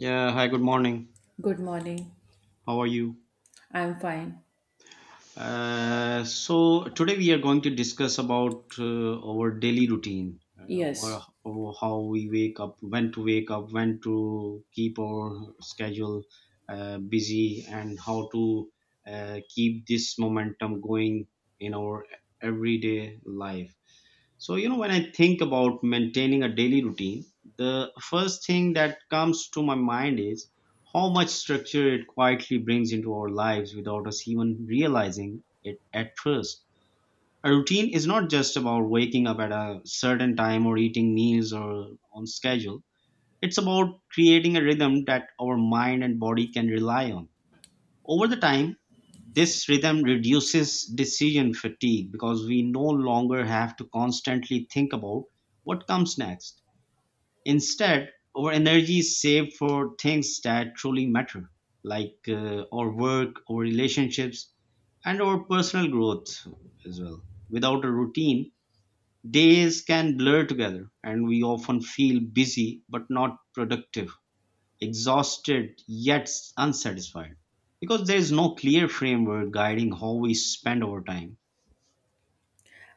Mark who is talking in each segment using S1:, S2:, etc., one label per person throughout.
S1: Yeah, hi, good morning.
S2: Good morning.
S1: How are you?
S2: I'm fine.
S1: So today we are going to discuss about our daily routine,
S2: Yes,
S1: how we wake up, when to wake up, when to keep our schedule busy, and how to keep this momentum going in our everyday life. So, when I think about maintaining a daily routine, the first thing that comes to my mind is how much structure it quietly brings into our lives without us even realizing it at first. A routine is not just about waking up at a certain time or eating meals or on schedule. It's about creating a rhythm that our mind and body can rely on over the time. This rhythm reduces decision fatigue because we no longer have to constantly think about what comes next. Instead, our energy is saved for things that truly matter, like our work, our relationships, and our personal growth as well. Without a routine, days can blur together and we often feel busy but not productive, exhausted yet unsatisfied because there is no clear framework guiding how we spend our time.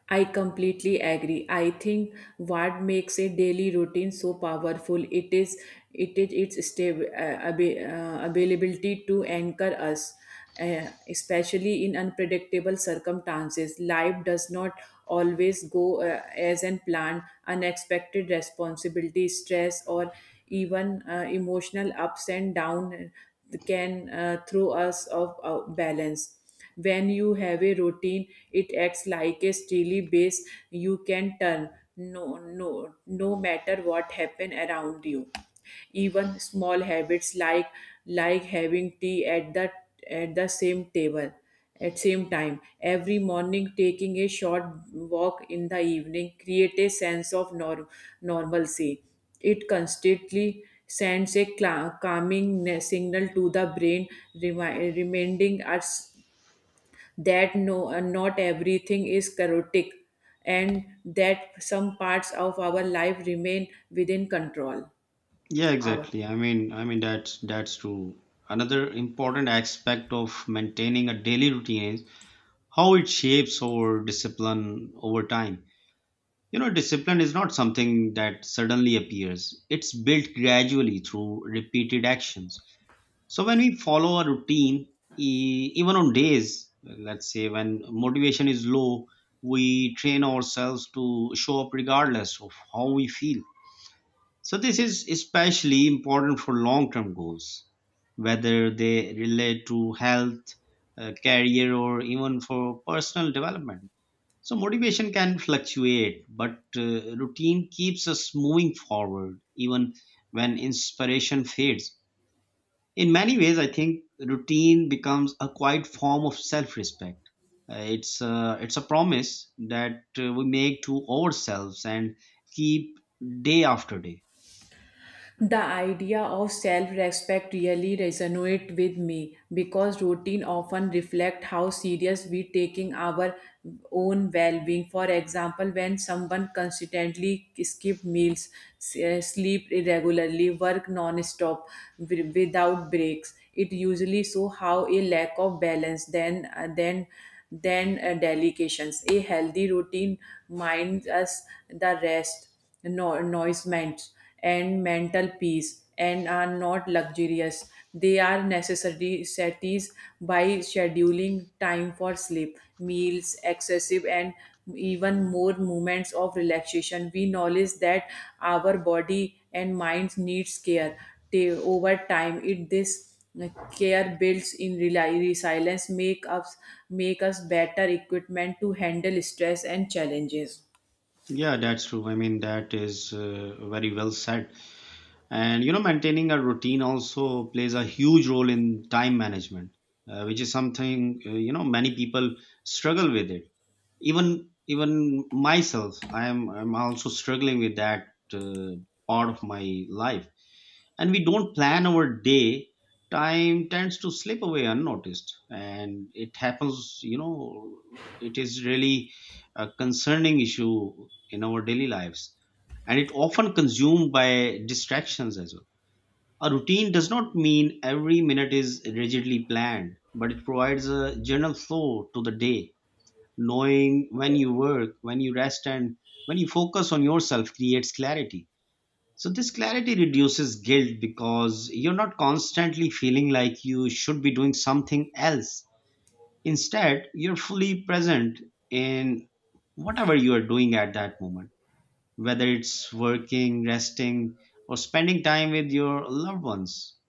S2: I completely agree. I think what makes a daily routine so powerful it is its stable availability to anchor us, especially in unpredictable circumstances. Life does not always go as an plan. Unexpected responsibility, stress, or even emotional ups and downs can throw us off balance. When you have a routine, it acts like a steely base you can turn no matter what happen around you. Even small habits like having tea at the same table at same time every morning, taking a short walk in the evening, create a sense of nor normalcy. It constantly sends a calming signal to the brain, reminding us that not everything is chaotic and that some parts of our life remain within control.
S1: Yeah,
S2: Our
S1: exactly. I mean that's true. Another important aspect of maintaining a daily routine is how it shapes our discipline over time. Discipline is not something that suddenly appears. It's built gradually through repeated actions. So when we follow a routine, even on days, let's say, when motivation is low, we train ourselves to show up regardless of how we feel. So this is especially important for long-term goals, whether they relate to health, career, or even for personal development. So motivation can fluctuate, but routine keeps us moving forward even when inspiration fades. In many ways, I think routine becomes a quiet form of self-respect. Uh, it's a, it's a promise that we make to ourselves and keep day after day.
S2: The idea of self-respect really resonates with me because routine often reflect how serious we taking our own well-being. For example, when someone consistently skip meals, sleep irregularly, work non-stop without breaks, it usually show how a lack of balance then delications. A healthy routine minds us the rest, nourishment, and mental peace and are not luxurious. They are necessary cities by scheduling time for sleep, meals, excessive and even more moments of relaxation. We knowledge that our body and minds needs care over time. It this care builds in resilience, make us better equipment to handle stress and challenges.
S1: Yeah, that's true. I mean, that is very well said. And maintaining a routine also plays a huge role in time management, which is something, many people struggle with it. Even even myself, I'm also struggling with that, uh, part of my life. And we don't plan our day, time tends to slip away unnoticed, and it happens. It is really a concerning issue in our daily lives, and it often consumed by distractions as well. A routine does not mean every minute is rigidly planned, but it provides a general flow to the day. Knowing when you work, when you rest, and when you focus on yourself creates clarity. So this clarity reduces guilt because you're not constantly feeling like you should be doing something else. Instead, you're fully present in whatever you are doing at that moment, whether it's working, resting, or spending time with your loved ones.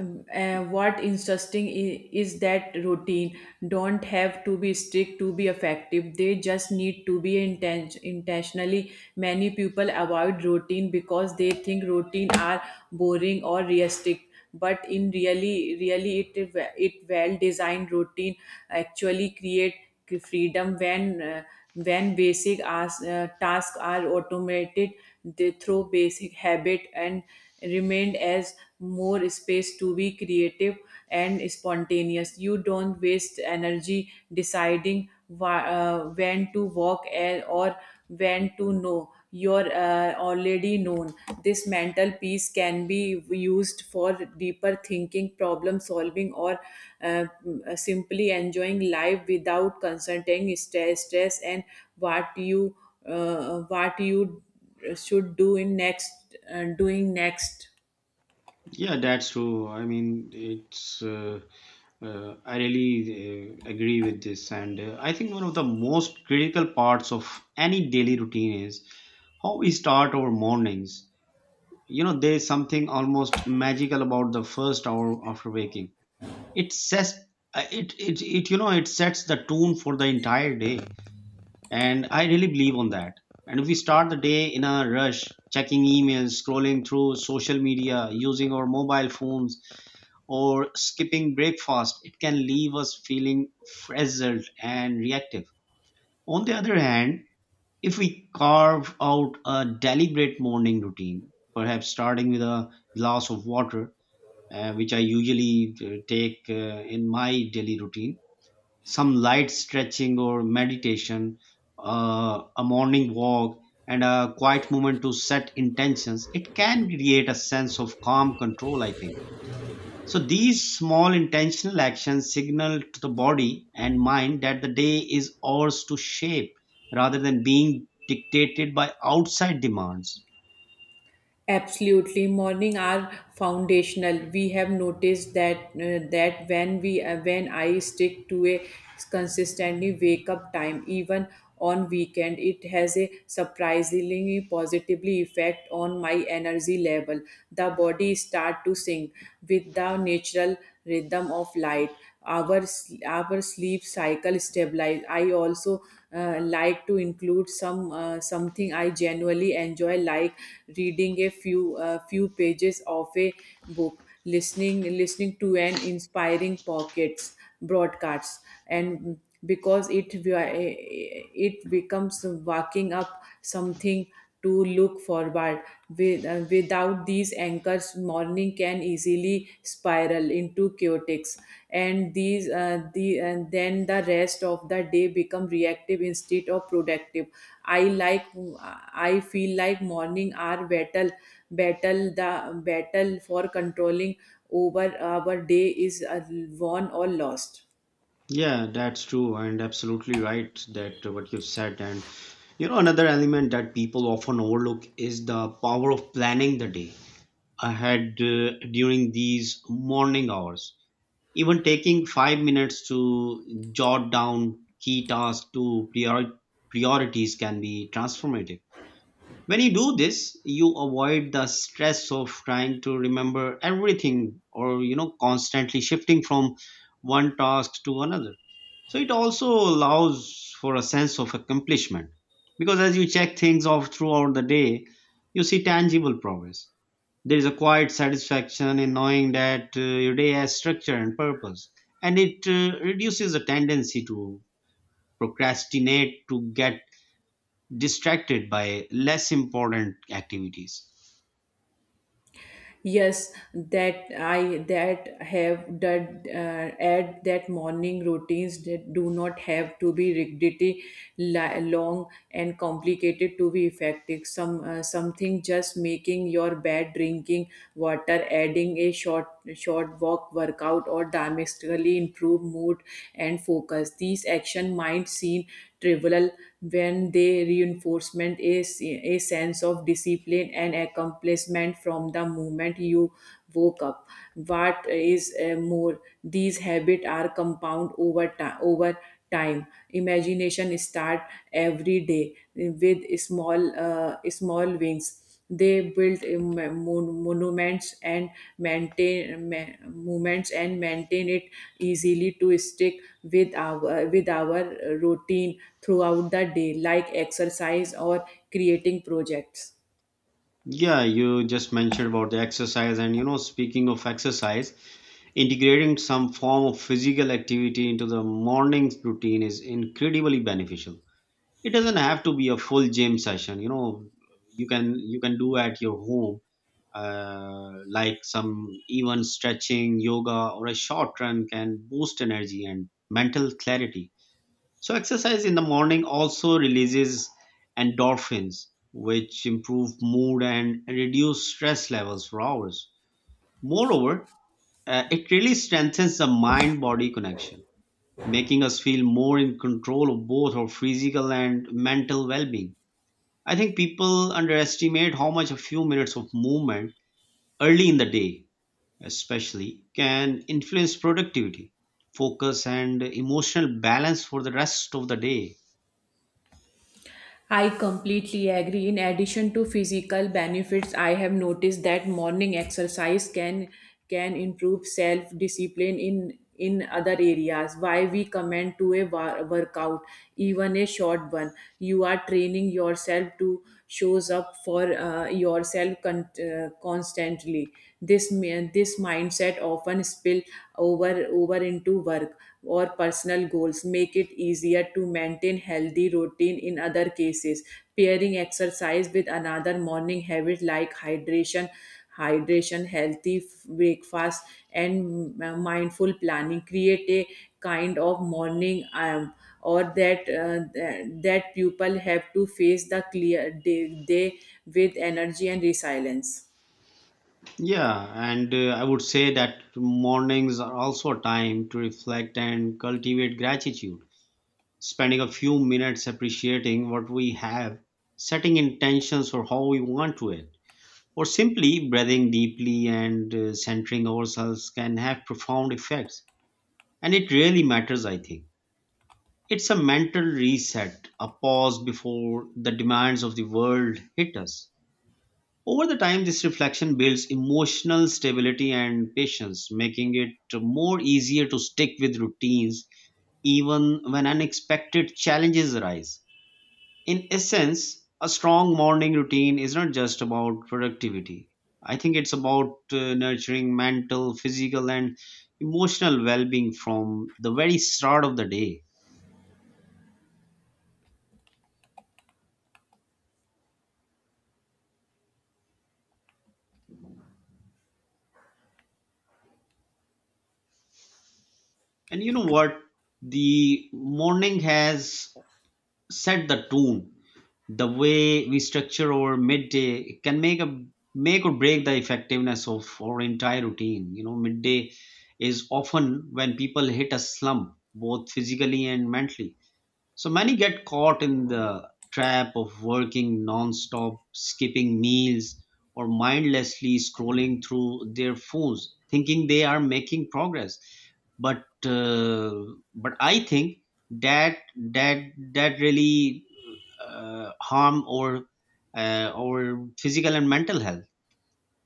S2: What interesting is that routine don't have to be strict to be effective, they just need to be intentionally. Many people avoid routine because they think routine are boring or realistic, but in really really it it well designed routine actually create freedom when when tasks are automated. They through basic habit and remained as more space to be creative and spontaneous. You don't waste energy deciding when to walk or when to know. You're already known. This mental piece can be used for deeper thinking, problem solving, or uh, simply enjoying life without consulting stress and what you what you should do in next doing next.
S1: Yeah, that's true. I mean, it's. I really agree with this, and I think one of the most critical parts of any daily routine is how we start our mornings. There is something almost magical about the first hour after waking. It sets it, it it you know it sets the tone for the entire day, and I really believe on that. And if we start the day in a rush, checking emails, scrolling through social media, using our mobile phones, or skipping breakfast, it can leave us feeling frazzled and reactive. On the other hand, if we carve out a deliberate morning routine, perhaps starting with a glass of water, which I usually take in my daily routine, some light stretching or meditation, a morning walk, and a quiet moment to set intentions, it can create a sense of calm control, I think. So these small intentional actions signal to the body and mind that the day is ours to shape rather than being dictated by outside demands.
S2: Absolutely, morning are foundational. We have noticed that when we when I stick to a consistently wake up time, even on weekend, it has a surprisingly positively effect on my energy level. The body start to sing with the natural rhythm of light. Our sleep cycle stabilize. I also like to include something I genuinely enjoy, like reading a few few pages of a book, listening to an inspiring pockets broadcasts, and because it becomes walking up something to look forward. With, without these anchors, morning can easily spiral into chaotic, and these the and then the rest of the day become reactive instead of productive. I like I feel like morning are battle battle the battle for controlling over our day is won or lost.
S1: Yeah, that's true, and absolutely right that what you've said. And another element that people often overlook is the power of planning the day ahead during these morning hours. Even taking 5 minutes to jot down key tasks to priorities can be transformative. When you do this, you avoid the stress of trying to remember everything or, constantly shifting from one task to another. So it also allows for a sense of accomplishment because as you check things off throughout the day, you see tangible progress. There is a quiet satisfaction in knowing that your day has structure and purpose, and it reduces the tendency to procrastinate, to get distracted by less important activities.
S2: Yes, that I that have that add that morning routines that do not have to be rigidity long and complicated to be effective. Something just making your bed, drinking water, adding a short walk, workout, or dramatically improve mood and focus. These action might seem trivial when they reinforcement a sense of discipline and accomplishment placement from the moment you woke up. What is more, these habits are compound over time. Over time imagination start every day with small wings. They built monuments and maintain movements and maintain it easily to stick with our routine throughout the day, like exercise or creating projects.
S1: Yeah, you just mentioned about the exercise, and speaking of exercise, integrating some form of physical activity into the morning routine is incredibly beneficial. It doesn't have to be a full gym session. You can do at your home, like some even stretching, yoga, or a short run can boost energy and mental clarity. So exercise in the morning also releases endorphins, which improve mood and reduce stress levels for hours. Moreover, it really strengthens the mind-body connection, making us feel more in control of both our physical and mental well-being. I think people underestimate how much a few minutes of movement early in the day, especially, can influence productivity, focus, and emotional balance for the rest of the day.
S2: I completely agree. In addition to physical benefits, I have noticed that morning exercise can improve self discipline in other areas. Why we command to a workout, even a short one, you are training yourself to shows up for yourself constantly. This mindset often spill over into to work or personal goals make it easier to maintain healthy routine in other cases, pairing exercise with another morning habit like hydration healthy breakfast and mindful planning create a kind of morning or that that people have to face the clear day with energy and resilience.
S1: Yeah, and I would say that mornings are also a time to reflect and cultivate gratitude. Spending a few minutes appreciating what we have, setting intentions for how we want to it, or simply breathing deeply and centering ourselves can have profound effects. And it really matters, I think. It's a mental reset, a pause before the demands of the world hit us. Over the time, this reflection builds emotional stability and patience, making it more easier to stick with routines even when unexpected challenges arise. In essence, a strong morning routine is not just about productivity. I think it's about nurturing mental, physical, and emotional well being from the very start of the day. And you know what? The morning has set the tone. The way we structure our midday can make or break the effectiveness of our entire routine. Midday is often when people hit a slump, both physically and mentally. So many get caught in the trap of working non-stop, skipping meals, or mindlessly scrolling through their phones thinking they are making progress, but but I think that that really harm or our physical and mental health,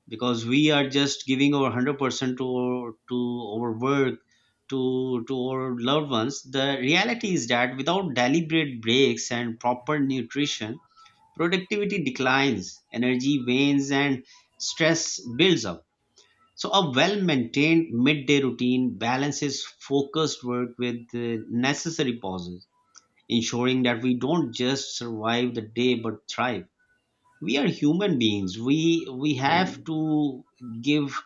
S1: because we are just giving our 100% to our work, to our loved ones. The reality is that without deliberate breaks and proper nutrition, productivity declines, energy wanes, and stress builds up. So a well maintained midday routine balances focused work with the necessary pauses, ensuring that we don't just survive the day but thrive. We are human beings. We have to give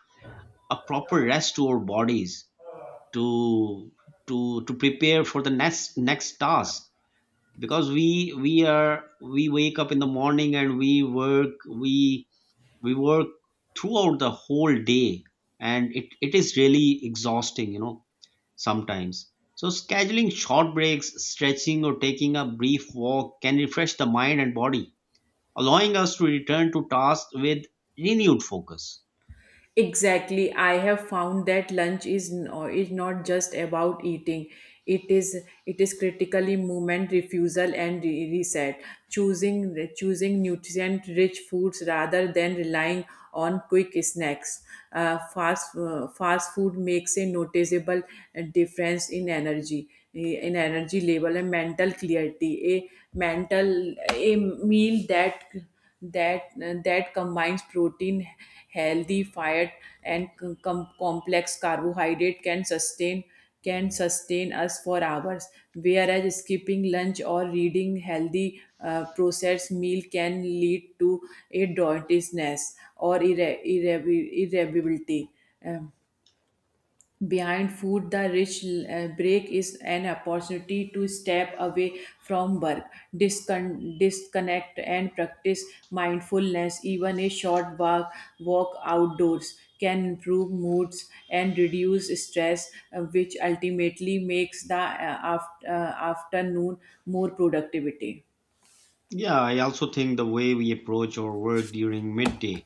S1: a proper rest to our bodies, to to prepare for the next task, because we wake up in the morning and we work throughout the whole day. And it is really exhausting, sometimes. So scheduling short breaks, stretching, or taking a brief walk can refresh the mind and body, allowing us to return to tasks with renewed focus.
S2: Exactly. I have found that lunch is not just about eating. It is critically movement refusal and reset. Choosing nutrient rich foods rather than relying on quick snacks. Fast food makes a noticeable difference in energy level and mental clarity. A meal that combines protein, healthy fat, and complex carbohydrate can sustain us for hours. Whereas skipping lunch or reading healthy processed meal can lead to a dauntlessness or irreversibility behind food. The rich break is an opportunity to step away from work, disconnect and practice mindfulness. Even a short walk walk outdoors can improve moods and reduce stress, which ultimately makes the afternoon more productivity.
S1: Yeah, I also think the way we approach our work during midday,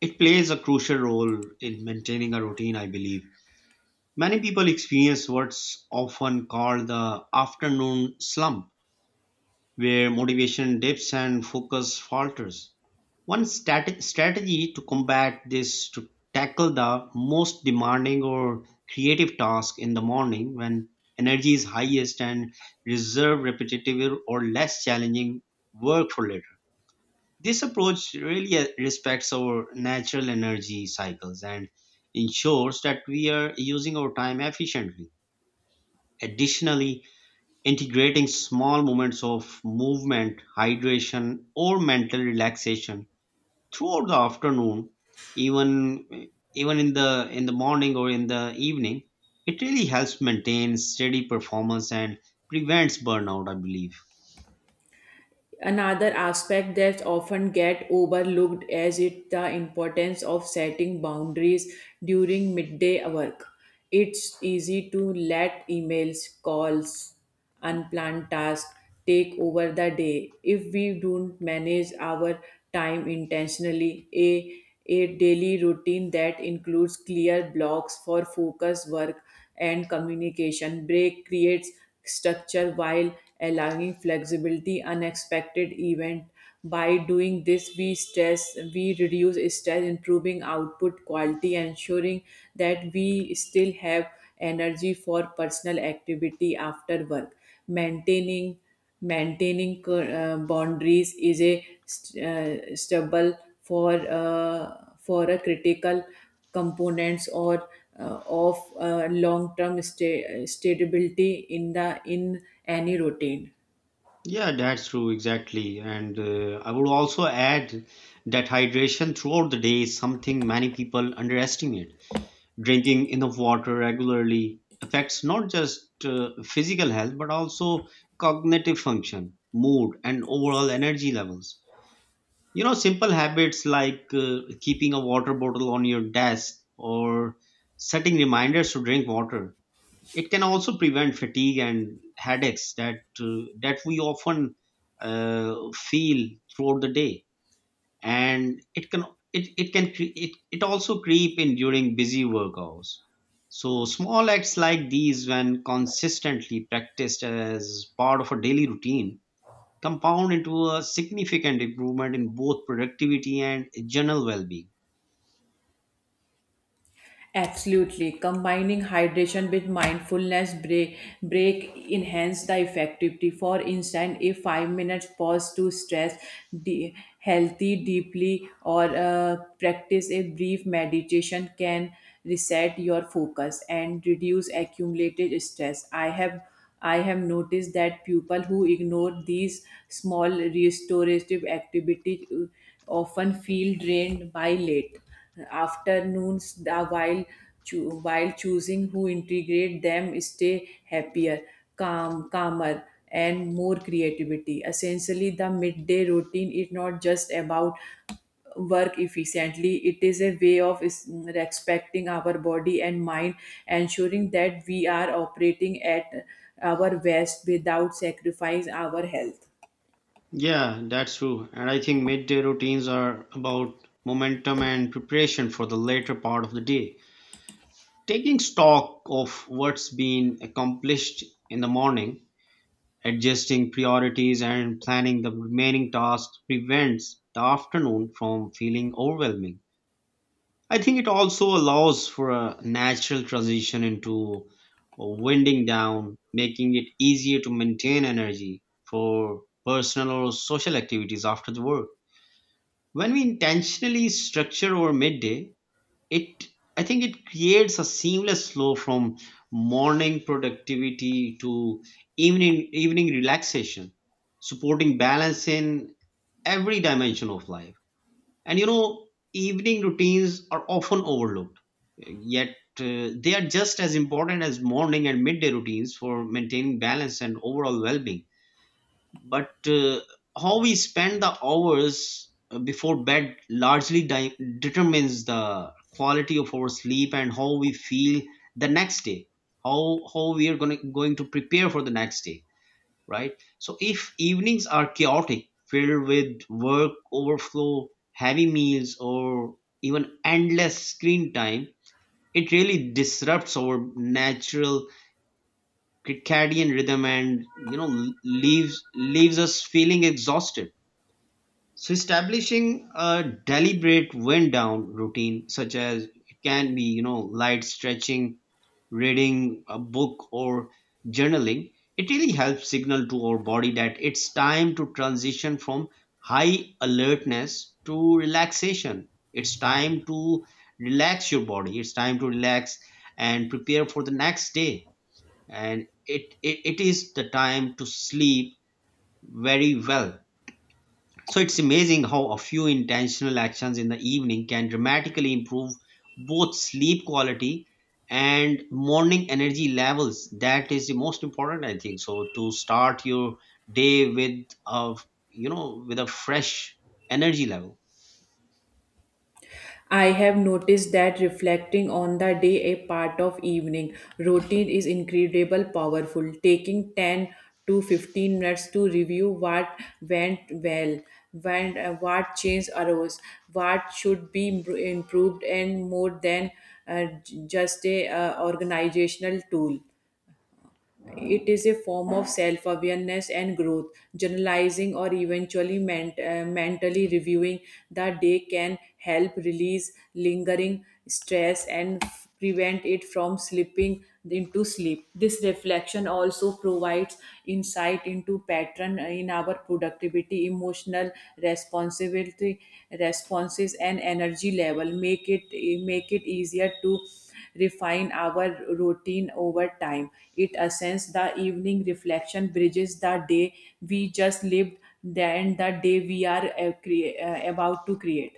S1: it plays a crucial role in maintaining a routine, I believe. Many people experience what's often called the afternoon slump, where motivation dips and focus falters. One strategy to combat this to tackle the most demanding or creative task in the morning when energy is highest and reserve repetitive or less challenging work for later. This approach really respects our natural energy cycles and ensures that we are using our time efficiently. Additionally, integrating small moments of movement, hydration, or mental relaxation throughout the afternoon, even even in the morning or in the evening, it really helps maintain steady performance and prevents burnout, I believe.
S2: Another aspect that often get overlooked is it the importance of setting boundaries during midday work. It's easy to let emails, calls, unplanned tasks take over the day if we don't manage our time intentionally. A daily routine that includes clear blocks for focus work and communication break creates structure while allowing flexibility unexpected event. By doing this we reduce stress, improving output quality, ensuring that we still have energy for personal activity after work. Maintaining maintaining uh, boundaries is a stubble for a critical components or of long term stability in any routine.
S1: Yeah, that's true, exactly. And I would also add that hydration throughout the day is something many people underestimate. Drinking enough water regularly affects not just physical health but also cognitive function, mood, and overall energy levels. You know, simple habits like keeping a water bottle on your desk or setting reminders to drink water. It can also prevent fatigue and headaches that that we often feel throughout the day, and it can it also creep in during busy work hours. So small acts like these, when consistently practiced as part of a daily routine, compound into a significant improvement in both productivity and general well-being.
S2: Absolutely. Combining hydration with mindfulness break enhance the effectivity. For instance, a 5 minutes pause to stress de- healthy deeply or practice a brief meditation can reset your focus and reduce accumulated stress. I have noticed that people who ignore these small restorative activities often feel drained by late afternoons, while, while choosing who integrate them stay happier, calmer and more creativity. Essentially the midday routine is not just about work efficiently. It is a way of respecting our body and mind, ensuring that we are operating at our best without sacrificing our health.
S1: Yeah, that's true. And I think midday routines are about momentum and preparation for the later part of the day, taking stock of what's been accomplished in the morning. Adjusting priorities and planning the remaining tasks prevents the afternoon from feeling overwhelming. I think it also allows for a natural transition into winding down, making it easier to maintain energy for personal or social activities after the work. When we intentionally structure our midday, it I think it creates a seamless flow from morning productivity to evening relaxation, supporting balance in every dimension of life. And you know, evening routines are often overlooked, yet they are just as important as morning and midday routines for maintaining balance and overall well-being. But how we spend the hours before bed largely determines the quality of our sleep and how we feel the next day, how we are going to prepare for the next day, right? So if evenings are chaotic, filled with work overflow, heavy meals, or even endless screen time, it really disrupts our natural circadian rhythm and, you know, leaves us feeling exhausted. So establishing a deliberate wind down routine, such as, it can be, you know, light stretching, reading a book, or journaling, it really helps signal to our body that it's time to transition from high alertness to relaxation. It's time to relax your body. It's time to relax and prepare for the next day. And it is the time to sleep very well. So it's amazing how a few intentional actions in the evening can dramatically improve both sleep quality and morning energy levels. That is the most important, I think. So to start your day with a, you know, with a fresh energy level.
S2: I have noticed that reflecting on the day a part of evening routine is incredible powerful. Taking 10 to 15 minutes to review what went well, when, what change arose, what should be improved and more than j- just a organizational tool. It is a form of self awareness and growth. Journalizing or eventually mentally reviewing the day can help release lingering stress and prevent it from slipping into sleep. This reflection also provides insight into pattern in our productivity, emotional responsibility, responses, and energy level. Make it easier to refine our routine over time. It ascends the evening reflection bridges the day we just lived, then the day we are about to create.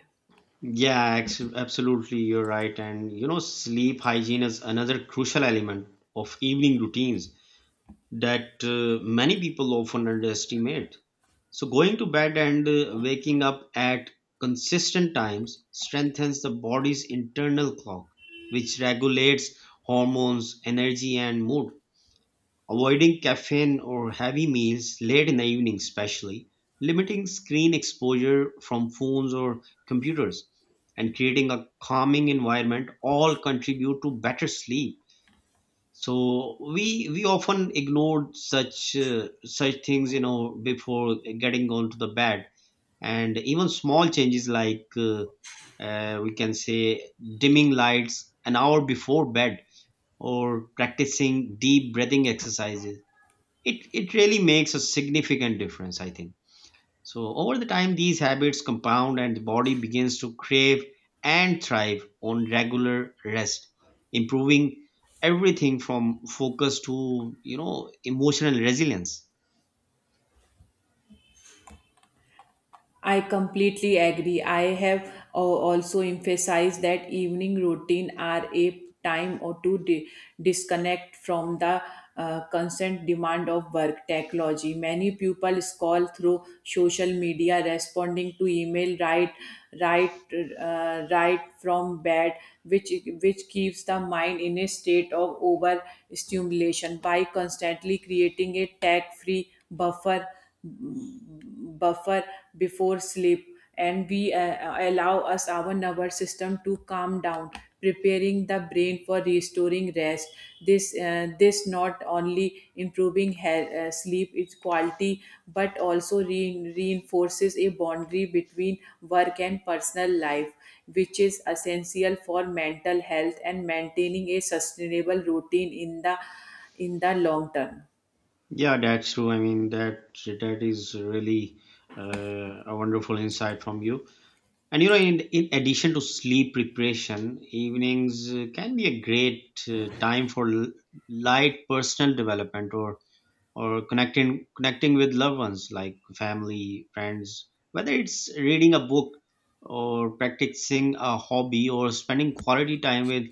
S1: Yeah, absolutely, you're right. And you know, sleep hygiene is another crucial element of evening routines that many people often underestimate. So, going to bed and waking up at consistent times strengthens the body's internal clock, which regulates hormones, energy, and mood. Avoiding caffeine or heavy meals late in the evening, especially limiting screen exposure from phones or computers, and creating a calming environment all contribute to better sleep. So we often ignored such such things, you know, before getting onto the bed. And even small changes like we can say, dimming lights an hour before bed or practicing deep breathing exercises, it really makes a significant difference, I think. So over the time, these habits compound and the body begins to crave and thrive on regular rest, improving everything from focus to, you know, emotional resilience.
S2: I completely agree. I have also emphasized that evening routine are a time or to disconnect from the constant demand of work technology. Many people scroll through social media, responding to email right, right from bed, which which keeps the mind in a state of overstimulation. By constantly creating a tech-free buffer before sleep, and we allow us our nervous system to calm down, preparing the brain for restoring rest. This not only improving sleep its quality but also reinforces a boundary between work and personal life, which is essential for mental health and maintaining a sustainable routine in the long term.
S1: Yeah, that's true. I mean, that is really a wonderful insight from you. And you know, in addition to sleep preparation, evenings can be a great time for light personal development, or connecting with loved ones like family, friends, whether it's reading a book or practicing a hobby or spending quality time with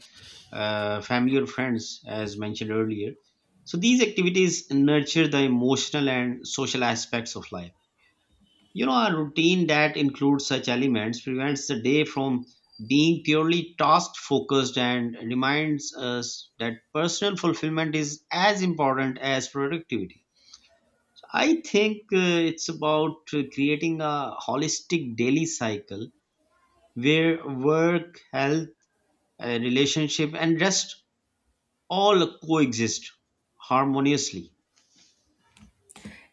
S1: family or friends, as mentioned earlier. So these activities nurture the emotional and social aspects of life. You know, a routine that includes such elements prevents the day from being purely task focused and reminds us that personal fulfillment is as important as productivity. I think it's about creating a holistic daily cycle where work, health, relationship, and rest all coexist harmoniously.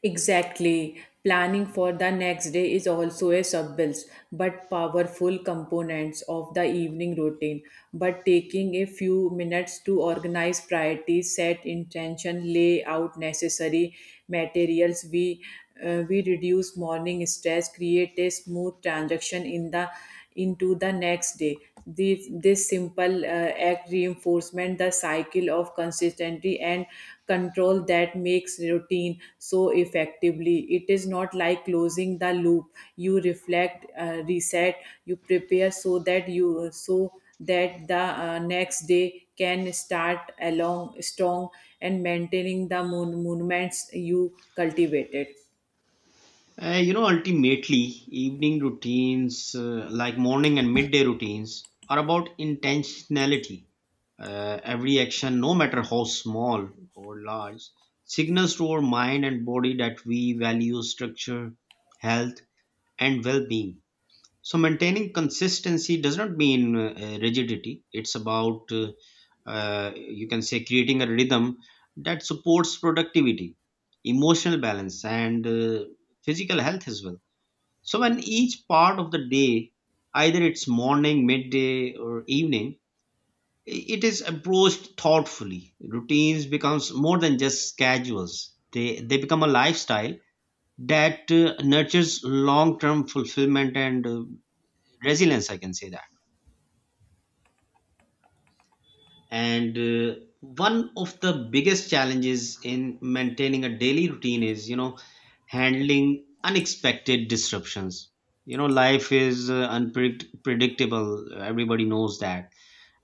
S2: Exactly. Planning for the next day is also a subtle but powerful component of the evening routine. But taking a few minutes to organize priorities, set intention, lay out necessary materials, we reduce morning stress, create a smooth transaction in the into the next day. This simple act reinforcement the cycle of consistency and control that makes routine so effectively. It is not like closing the loop. You reflect, reset, you prepare so that you so that the next day can start along strong and maintaining the monuments you cultivated.
S1: You know, ultimately, evening routines, like morning and midday routines, are about intentionality. Every action, no matter how small or large, signals to our mind and body that we value structure, health, and well being. So maintaining consistency does not mean rigidity. It's about you can say, creating a rhythm that supports productivity, emotional balance, and physical health as well. So when each part of the day, either it's morning, midday, or evening, it is approached thoughtfully, routines becomes more than just schedules. They become a lifestyle that nurtures long-term fulfillment and resilience, I can say that. And one of the biggest challenges in maintaining a daily routine is, you know, handling unexpected disruptions. You know, life is unpredictable, everybody knows that.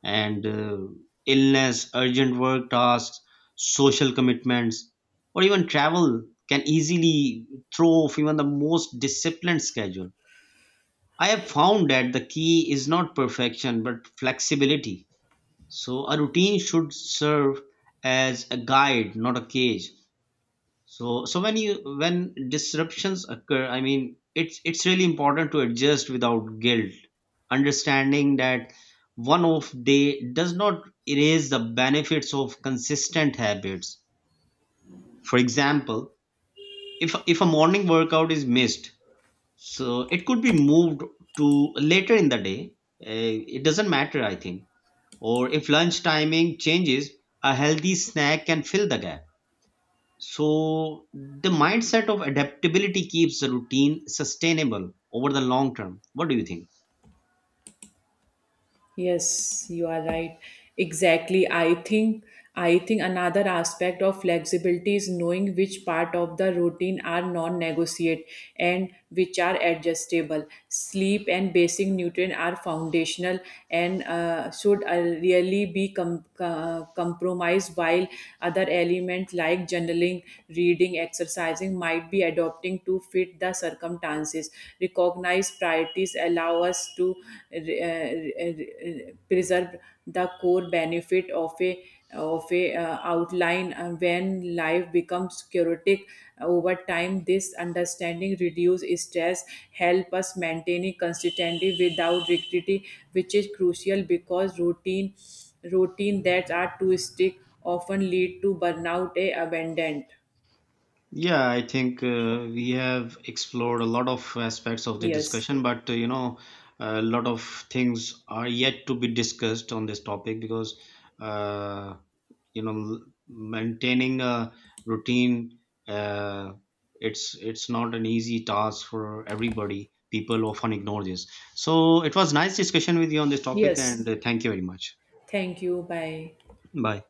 S1: And illness, urgent work tasks, social commitments, or even travel can easily throw off even the most disciplined schedule. I have found that the key is not perfection but flexibility. So a routine should serve as a guide, not a cage. So when disruptions occur, I mean, it's really important to adjust without guilt, understanding that one off day does not erase the benefits of consistent habits. For example, if a morning workout is missed, so it could be moved to later in the day. It doesn't matter, I think, or if lunch timing changes, a healthy snack can fill the gap. So, the mindset of adaptability keeps the routine sustainable over the long term. What do you think?
S2: Yes, you are right. Exactly. I think another aspect of flexibility is knowing which part of the routine are non-negotiable and which are adjustable. Sleep and basic nutrient are foundational and should really be compromised, while other elements like journaling, reading, exercising might be adopting to fit the circumstances. Recognize priorities allow us to preserve the core benefit of a outline when life becomes chaotic. Over time this understanding reduces stress, help us maintaining consistency without rigidity, which is crucial because routine that are too strict often lead to burnout and abandonment.
S1: Yeah, I think we have explored a lot of aspects of the
S2: Yes.
S1: discussion, but you know, a lot of things are yet to be discussed on this topic, because uh, you know, maintaining a routine, uh, it's not an easy task for everybody, people often ignore this. So it was nice discussion with you on this topic, and
S2: Yes,
S1: thank you very much.
S2: thank you. Bye.
S1: Bye.